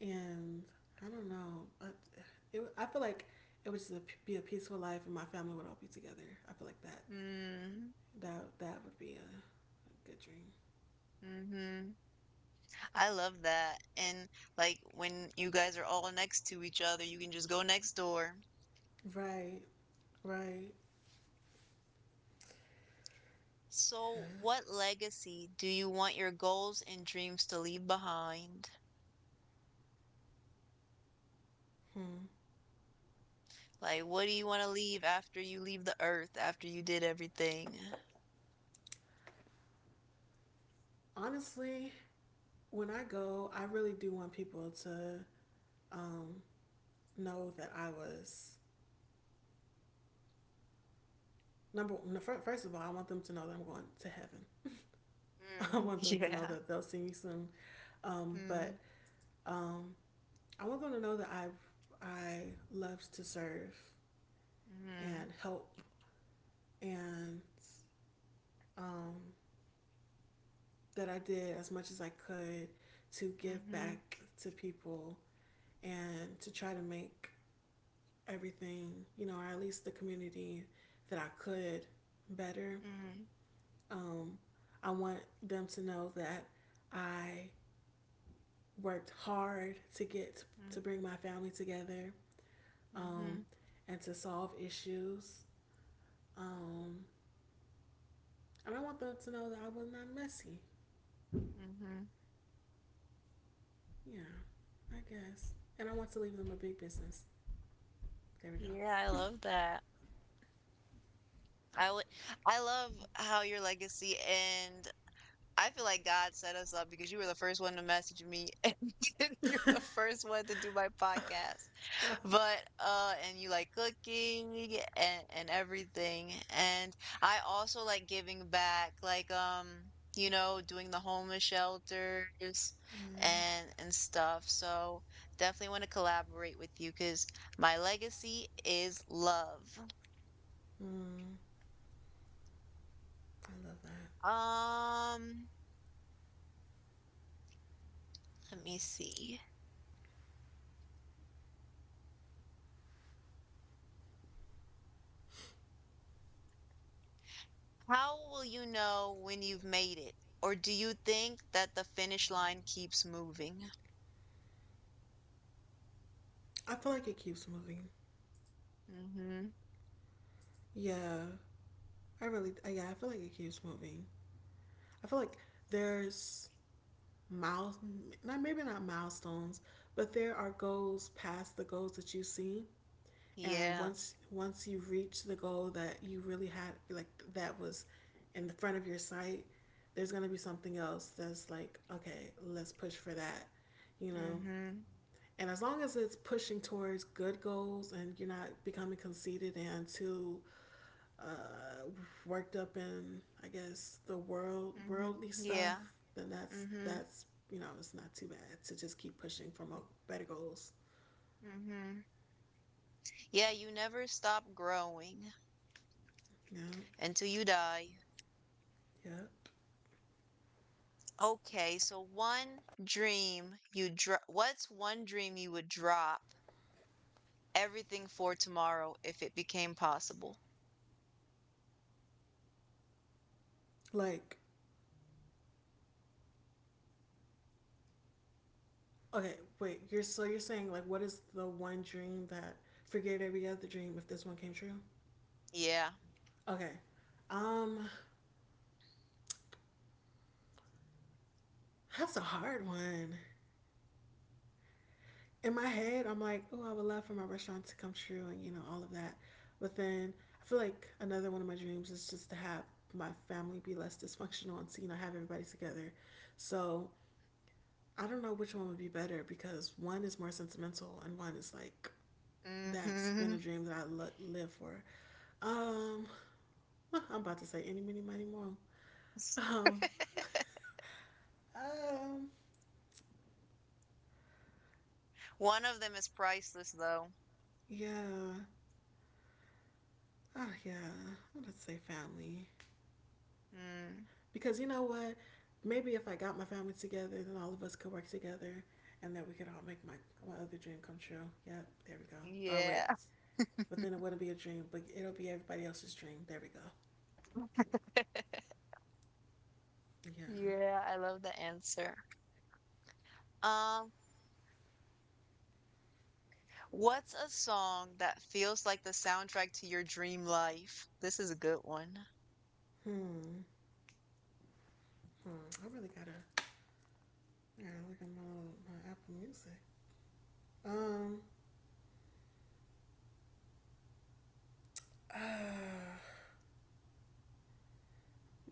S2: and I don't know. I feel like it would just be a peaceful life, and my family would all be together. I feel like that
S1: Mm,
S2: that that would be a good dream.
S1: mm-hmm. I love that. And like when you guys are all next to each other, you can just go next door.
S2: Right. Right.
S1: So, what legacy do you want your goals and dreams to leave behind?
S2: Hmm.
S1: Like, what do you want to leave after you leave the earth, after you did everything?
S2: Honestly, when I go, I really do want people to um, know that I was number. First of all, I want them to know that I'm going to heaven. [LAUGHS] I
S1: Mm,
S2: want
S1: [LAUGHS]
S2: them to know
S1: yeah.
S2: that they'll see me soon. Um,
S1: Mm,
S2: but um, I want them to know that I loved to serve
S1: mm,
S2: and help and um, that I did as much as I could to give
S1: mm-hmm,
S2: back to people and to try to make everything, you know, or at least the community that I could better.
S1: mm,
S2: Um, I want them to know that I worked hard to get
S1: mm,
S2: to bring my family together um,
S1: mm-hmm,
S2: and to solve issues. Um, and I want them to know that I was not messy.
S1: mm-hmm.
S2: Yeah, I guess. And I want to leave them a big business. There we
S1: Yeah, I
S2: go.
S1: love that. I would, I love how your legacy and I feel like God set us up because you were the first one to message me [LAUGHS] and you're the first one to do my podcast.
S2: [LAUGHS]
S1: But and you like cooking and everything and I also like giving back, like doing the homeless shelters
S2: Yeah.
S1: and stuff. So definitely want to collaborate with you because my legacy is love.
S2: Mm, I love that.
S1: um Let me see. How will you know when you've made it, or do you think that the finish line keeps moving?
S2: I feel like it keeps moving.
S1: Mm-hmm.
S2: Yeah. I really, yeah, I feel like it keeps moving. I feel like there's miles, not maybe not milestones, but there are goals past the goals that you see. And
S1: Yeah.
S2: once you reach the goal that you really had, like that was in the front of your sight, there's gonna be something else that's like, okay, let's push for that, you know.
S1: Mm-hmm.
S2: And as long as it's pushing towards good goals and you're not becoming conceited and too uh, worked up in I guess the world
S1: Mhm.
S2: worldly stuff,
S1: Yeah.
S2: then that's
S1: Mhm.
S2: that's you know it's not too bad to just keep pushing for
S1: Mm,
S2: more better goals.
S1: Mhm. Yeah, you never stop growing
S2: Yeah.
S1: until you die.
S2: Yep.
S1: Okay, so one dream you dro- what's one dream you would drop everything for tomorrow if it became possible?
S2: Like okay, wait. You're saying like what is the one dream that, forget every other dream if this one came true?
S1: Yeah.
S2: Okay. Um, that's a hard one. In my head, I'm like, oh, I would love for my restaurant to come true and, you know, all of that. But then I feel like another one of my dreams is just to have my family be less dysfunctional, and to, you know, have everybody together. So I don't know which one would be better because one is more sentimental and one is like, that's been
S1: Mm-hmm.
S2: a dream that I live for. Um, well, I'm about to say many, many more.
S1: [LAUGHS]
S2: Um, um,
S1: One of them is priceless though.
S2: yeah. Oh, yeah. I'm going to say family.
S1: Mm,
S2: Because you know what? Maybe if I got my family together, then all of us could work together, and then we could all make my other dream come true. Yep, there we go. Oh, wait.
S1: yeah.
S2: But then it wouldn't be a dream, but it'll be everybody else's dream. There we go.
S1: [LAUGHS]
S2: Yeah.
S1: Yeah, I love the answer. Um What's a song that feels like the soundtrack to your dream life? This is a good one.
S2: Hmm. Hmm. I really gotta, yeah, look at my Apple Music. Um, [SIGHS] uh,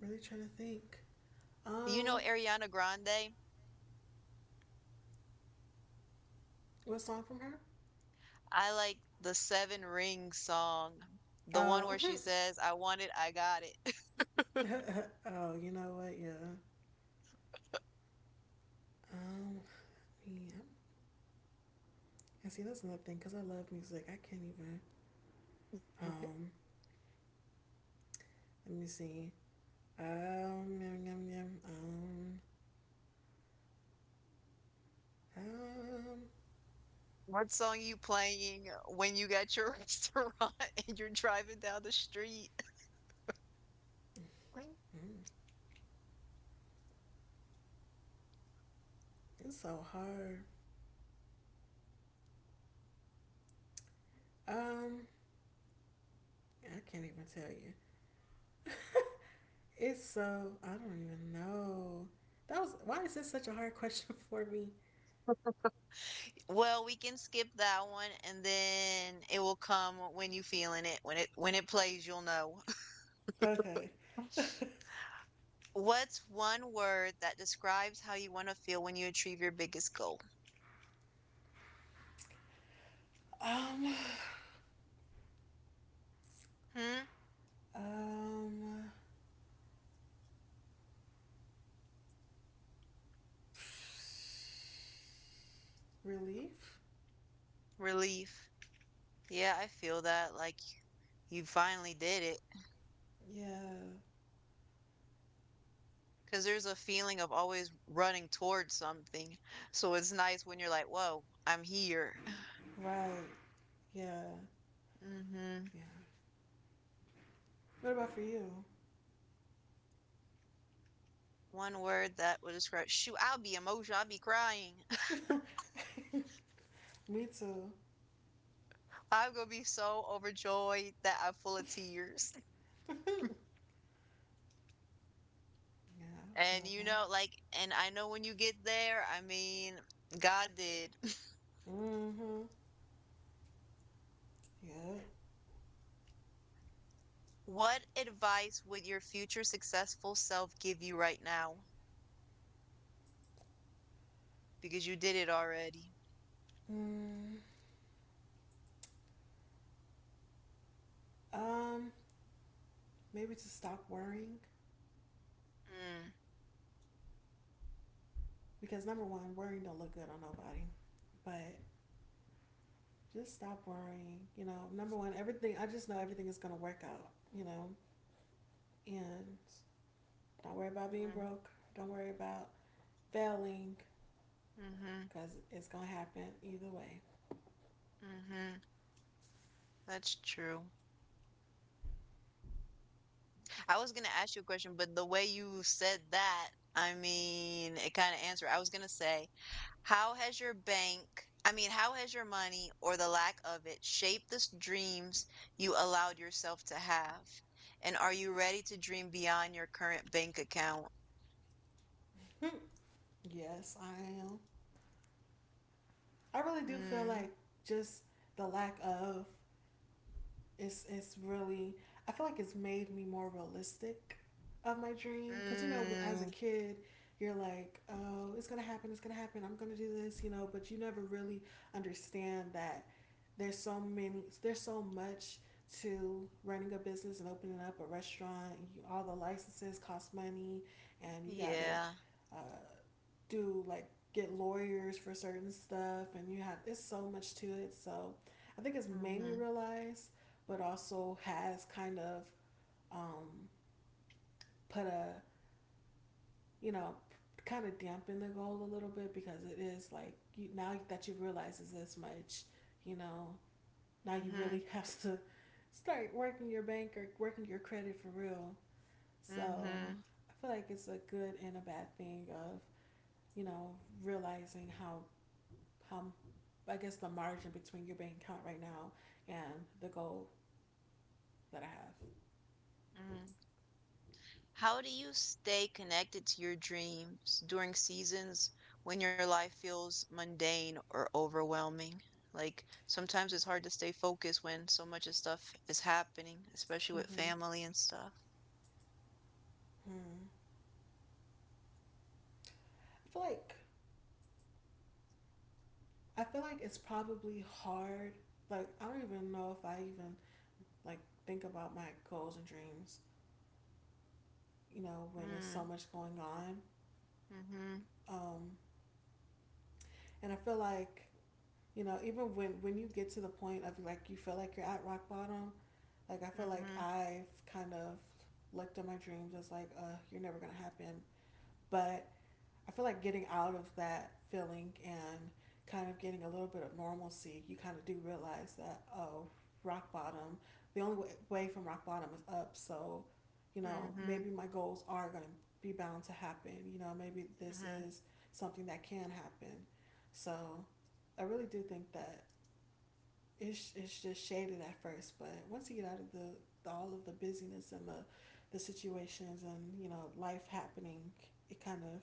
S2: Really trying to think.
S1: You know
S2: Um,
S1: Ariana Grande?
S2: what song from her?
S1: I like the Seven Rings song, the one
S2: Oh,
S1: where she says, I want it, I got it. [LAUGHS]
S2: [LAUGHS] oh, you know what? Yeah. Um, yeah. And see, that's another thing because I love music. I can't even. Um, Let me see. Um, yum, yum, yum, um, um,
S1: What song you playing when you got your [LAUGHS] restaurant and you're driving down the street?
S2: mm, it's so hard. Um, I can't even tell you. It's so, I don't even know. That was, why is this such a hard [LAUGHS] question for me?
S1: Well, we can skip that one and then it will come when you feeling it. When it plays, you'll know.
S2: Okay. [LAUGHS]
S1: What's one word that describes how you want to feel when you achieve your biggest goal?
S2: um,
S1: Hmm?
S2: um, Relief?
S1: Relief. Yeah, I feel that. Like you finally did it.
S2: Yeah,
S1: Because there's a feeling of always running towards something. So it's nice when you're like, whoa, I'm here.
S2: right. Yeah,
S1: Hmm.
S2: yeah. What about for you?
S1: One word that would describe, shoot, I'll be emotional. I'll be crying.
S2: Me too.
S1: [LAUGHS] I'm going to be so overjoyed that I'm full of tears.
S2: Yeah, I
S1: And
S2: feel that.
S1: like, and I know when you get there, I mean, God did.
S2: Mm hmm. Yep.
S1: What advice would your future successful self give you right now? Because you did it already.
S2: Mm. Um, Maybe to stop worrying
S1: Mm,
S2: because number one, worrying don't look good on nobody. But just stop worrying. You know, number one, everything. I just know everything is gonna work out. You know, and don't worry about being broke. Don't worry about failing
S1: mm, mhm,
S2: because it's gonna happen either way.
S1: mhm. That's true. I was gonna ask you a question, but the way you said that, I mean, it kind of answered. I was gonna say, how has your bank, I mean, how has your money or the lack of it shaped the dreams you allowed yourself to have? And are you ready to dream beyond your current bank account?
S2: [LAUGHS] Yes, I am. I really do feel
S1: Mm,
S2: like just the lack of It's really, I feel like it's made me more realistic of my dream because you know as a
S1: mm,
S2: kid you're like oh it's gonna happen I'm gonna do this you know but you never really understand that there's so much to running a business and opening up a restaurant, you, all the licenses cost money and you gotta
S1: yeah.
S2: uh, do like get lawyers for certain stuff and you have it's so much to it. So I think it's made me
S1: Mhm.
S2: realize, but also has kind of um, put a, you know, kind of dampened the goal a little bit because it is like you, now that you realize it's this much, you know, now you
S1: Mhm.
S2: really [LAUGHS] have to start working your bank or working your credit for real. So
S1: Mhm.
S2: I feel like it's a good and a bad thing of you know realizing how how I guess the margin between your bank account right now and the goal that I have.
S1: Mhm. How do you stay connected to your dreams during seasons when your life feels mundane or overwhelming? Like sometimes it's hard to stay focused when so much of stuff is happening, especially with
S2: Mm-hmm.
S1: family and stuff.
S2: Hmm. I feel like, it's probably hard. Like I don't even know if I even like think about my goals and dreams. You know, when there's so
S1: Mm.
S2: much going on,
S1: Mhm.
S2: um, and I feel like, you know, even when you get to the point of like you feel like you're at rock bottom. Like I feel like
S1: Mhm.
S2: I've kind of looked at my dreams as like, you're never gonna happen. But I feel like getting out of that feeling and kind of getting a little bit of normalcy, you kind of do realize that, oh, rock bottom, the only way from rock bottom is up. So, you know,
S1: Mhm.
S2: maybe my goals are going to be bound to happen. You know, maybe this
S1: Mhm.
S2: is something that can happen. So, I really do think that it's just shaded at first, but once you get out of the all of the busyness and the situations and, you know, life happening, it kind of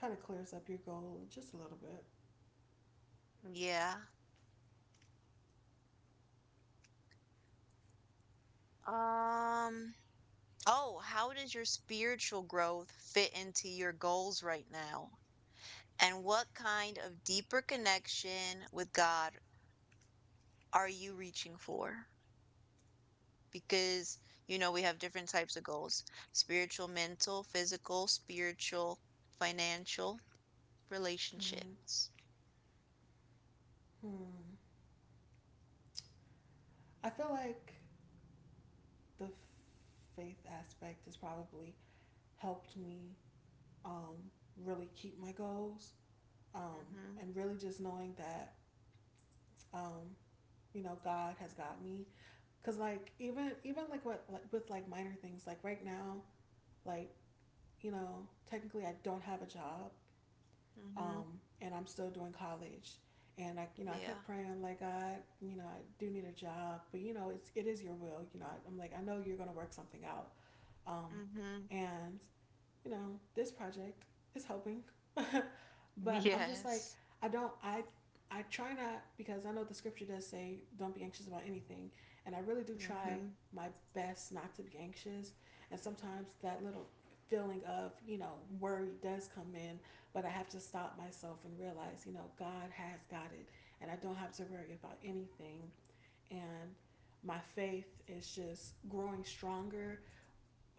S2: clears up your goal just a little bit.
S1: Yeah. Um, oh, how does your spiritual growth fit into your goals right now? And what kind of deeper connection with God are you reaching for? Because, we have different types of goals, spiritual, mental, physical, spiritual, financial,
S2: Mm-hmm.
S1: relationships.
S2: Hmm. I feel like the faith aspect has probably helped me, um, really keep my goals,
S1: Mm-hmm.
S2: and really just knowing that, um, you know, God has got me. Cause like even like what like with like minor things like right now, like you know technically I don't have a job,
S1: Mm-hmm.
S2: and I'm still doing college. And I, you know, I
S1: Yeah.
S2: kept praying. I'm like, God, you know, I do need a job, but you know, it's it is your will. You know, I, am like, I know you're gonna work something out. Um,
S1: Mm-hmm.
S2: and you know, this project is helping. [LAUGHS]
S1: [LAUGHS]
S2: But I'm just like,
S1: Yes.
S2: I don't, I, I try not because I know the scripture does say don't be anxious about anything, and I really do try
S1: Mm-hmm.
S2: my best not to be anxious. And sometimes that little feeling of you know worry does come in, but I have to stop myself and realize, you know, God has got it, and I don't have to worry about anything. And my faith is just growing stronger,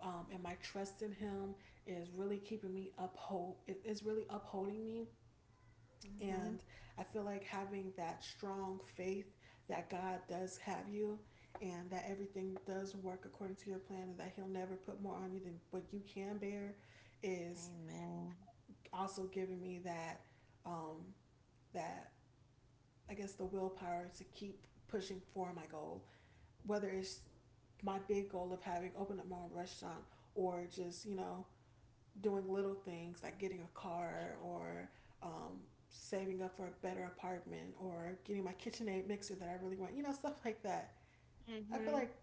S2: and my trust in Him is really keeping me uphold. It is really upholding me,
S1: Mm-hmm.
S2: and I feel like having that strong faith that God does have you, and that everything does work according to your plan, and that He'll never put more on you than what you can bear, is
S1: Amen.
S2: also giving me that, um, that I guess the willpower to keep pushing for my goal, whether it's my big goal of having opened up my own restaurant or just you know doing little things like getting a car or, um, saving up for a better apartment or getting my KitchenAid mixer that I really want, you know, stuff like that. I feel
S1: Mm-hmm.
S2: like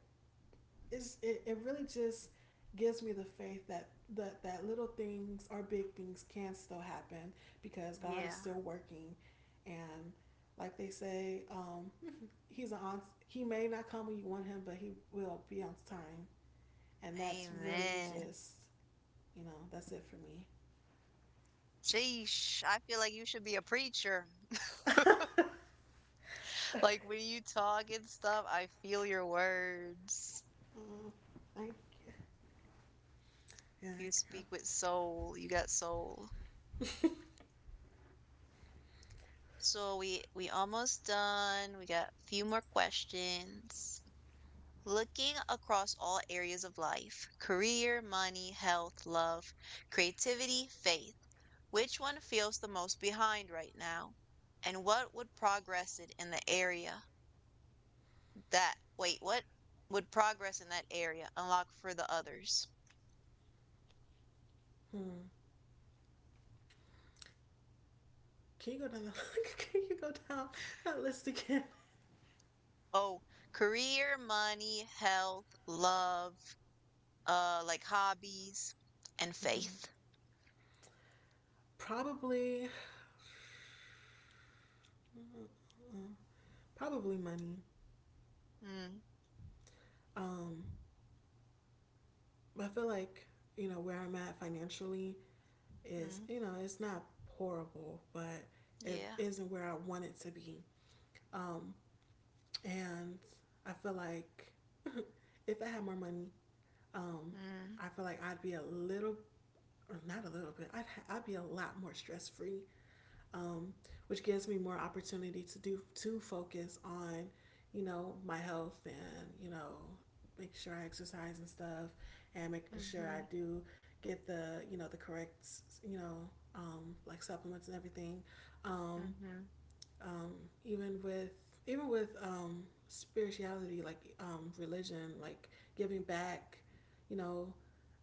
S2: it really just gives me the faith that, that little things or big things can still happen because God
S1: Yeah.
S2: is still working. And like they say, he's an on, he may not come when you want him, but he will be on time. And that's really
S1: Amen.
S2: just, you know, that's it for me.
S1: Sheesh. I feel like you should be a preacher. Like when you talk and stuff, I feel your words.
S2: Uh, I, yeah,
S1: You
S2: I,
S1: speak with soul. You got soul. So we almost done. We got a few more questions. Looking across all areas of life, career, money, health, love, creativity, faith. Which one feels the most behind right now? And what would progress it in the area that wait, what would progress in that area unlock for the others?
S2: hmm. Can you go down? The, [LAUGHS] can you go down that list again?
S1: Oh, career, money, health, love, like hobbies, and faith.
S2: Probably, probably money.
S1: Mm,
S2: Um, but I feel like you know where I'm at financially is
S1: mm,
S2: you know it's not horrible, but it
S1: yeah.
S2: isn't where I want it to be. Um, and I feel like [LAUGHS] if I had more money, um,
S1: Mm,
S2: I feel like I'd be a little, or not a little bit, I'd be a lot more stress free, um, which gives me more opportunity to do to focus on, you know, my health and you know, make sure I exercise and stuff, and making sure
S1: mm-hmm,
S2: I do get the you know the correct you know, like supplements and everything. Um,
S1: mm-hmm,
S2: um, even with spirituality, like religion, like giving back, you know,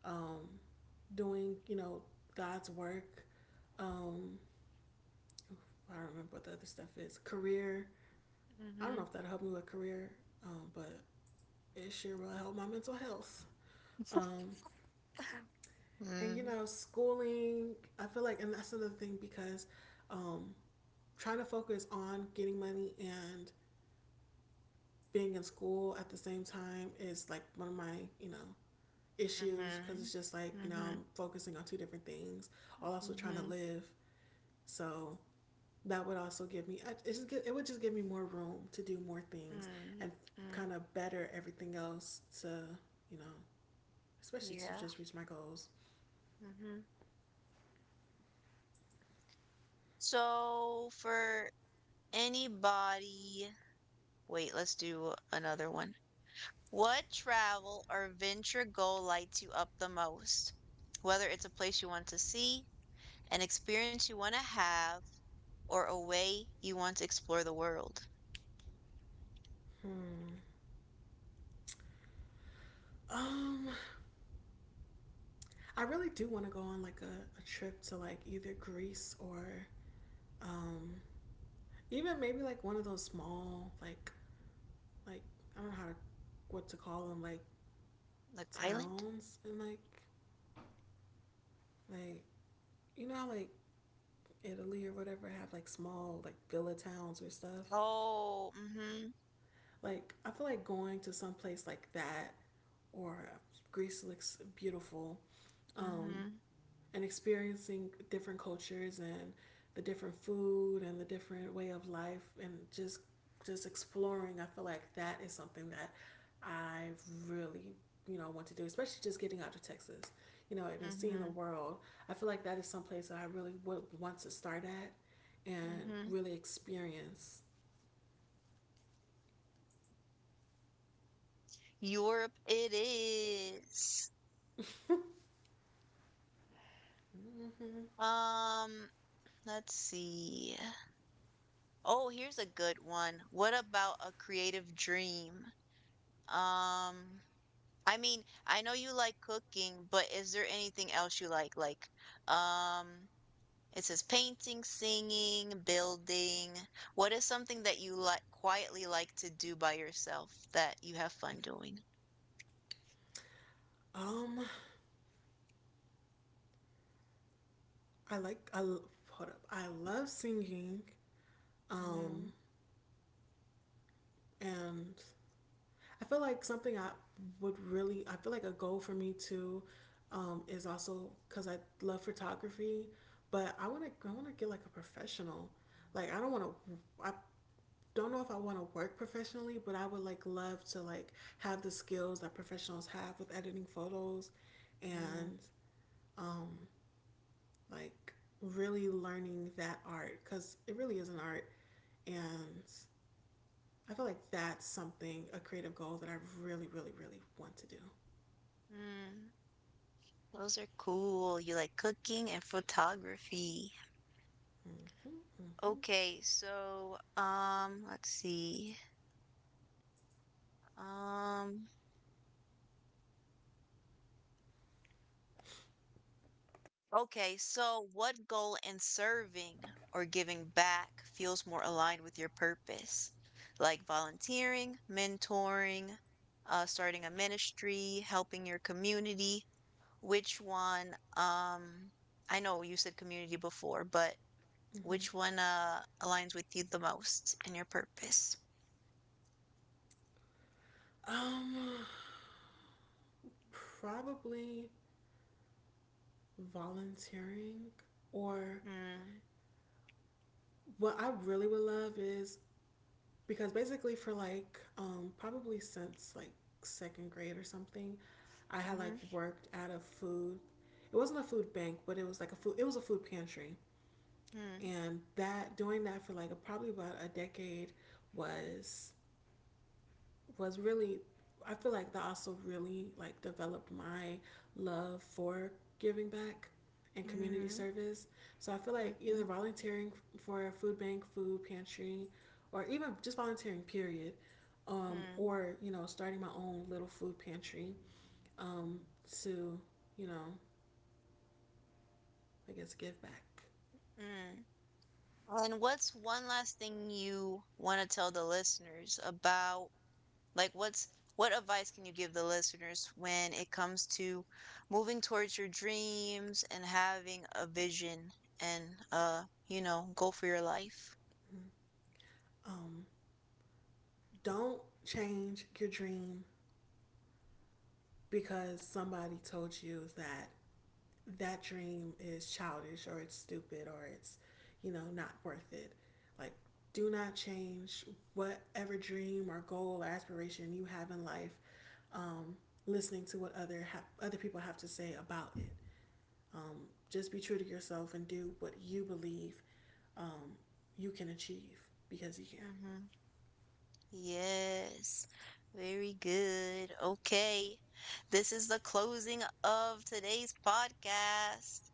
S2: um, doing you know God's work. Um, I don't remember what the other stuff is. Career. I don't
S1: mm-hmm,
S2: know if that'll help me with career, but it sure will help my mental health. Um, and you
S1: mm,
S2: know, schooling. I feel like, and that's another thing because, um, trying to focus on getting money and being in school at the same time is like one of my you know issues because
S1: mm-hmm,
S2: it's just like you know
S1: mm-hmm,
S2: I'm focusing on two different things while also trying to
S1: mm-hmm,
S2: live. So that would also give me, it would just give me more room to do more things
S1: mm,
S2: and
S1: mm,
S2: kind of better everything else to you know especially to
S1: yeah.
S2: just reach my goals.
S1: Mm-hmm. So for anybody, wait, let's do another one. What travel or venture goal lights you up the most? Whether it's a place you want to see, an experience you want to have, or a way you want to explore the world?
S2: Hmm. um I really do want to go on like a trip to like either Greece or, um even maybe like one of those small like, like I don't know how to what to call them, like
S1: Like island?
S2: towns and like, like you know how like Italy or whatever have like small like villa towns or stuff.
S1: Oh, mm-hmm,
S2: Like I feel like going to some place like that, or Greece looks beautiful, um,
S1: mm-hmm,
S2: and experiencing different cultures and the different food and the different way of life and just, exploring. I feel like that is something that I really you know want to do, especially just getting out of Texas, you know, and seeing the
S1: mm-hmm,
S2: world. I feel like that is some place that I really would want to start at and
S1: mm-hmm.
S2: really experience.
S1: Europe it is. Um, let's see. Oh, here's a good one. What about a creative dream? Um, I mean, I know you like cooking, but is there anything else you like? Like, um, it says painting, singing, building. What is something that you like quietly like to do by yourself that you have fun doing?
S2: Um, I hold up. I love singing.
S1: Mm,
S2: Um and I feel like something I would really, I feel like a goal for me too, is also cuz I love photography, but I want to get like a professional. Like I don't know if I want to work professionally, but I would like love to like have the skills that professionals have with editing photos and
S1: mm,
S2: like really learning that art cuz it really is an art, and I feel like that's something, a creative goal that I really, really, really want to do.
S1: mm, those are cool. You like cooking and photography.
S2: Mm-hmm, mm-hmm,
S1: Okay, so let's see. Um, Okay, so what goal in serving or giving back feels more aligned with your purpose? Like volunteering, mentoring, starting a ministry, helping your community. Which one, I know you said community before, but
S2: mm-hmm.
S1: which one aligns with you the most and your purpose?
S2: Um, probably volunteering, or
S1: Mm,
S2: what I really would love is because basically for like, probably since like second grade or something, I had like
S1: mm-hmm,
S2: worked at a food. It wasn't a food bank, but it was like a food. It was a food pantry,
S1: mm,
S2: and that doing that for like a, probably about a decade was, really, I feel like that also really like developed my love for giving back and community
S1: mm-hmm,
S2: service. So I feel like
S1: mm-hmm,
S2: either volunteering for a food bank, food pantry, or even just volunteering period,
S1: mm,
S2: or you know starting my own little food pantry, um, to you know I guess give back.
S1: mm. And what's one last thing you want to tell the listeners about? Like, what advice can you give the listeners when it comes to moving towards your dreams and having a vision and go for your life?
S2: Um, don't change your dream because somebody told you that dream is childish or it's stupid or it's, you know, not worth it. Like, do not change whatever dream or goal or aspiration you have in life. Um, listening to what other people have to say about it. Just be true to yourself and do what you believe, um, you can achieve because you can.
S1: Mm-hmm. Yes. Very good. Okay. This is the closing of today's podcast.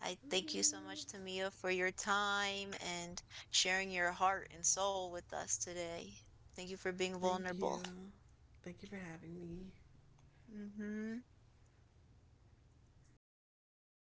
S1: I thank you so much,
S2: Mm-hmm.
S1: Tamia, for your time and sharing your heart and soul with us today. Thank you for being
S2: Thank you.
S1: vulnerable.
S2: Thank you for having me.
S1: Hmm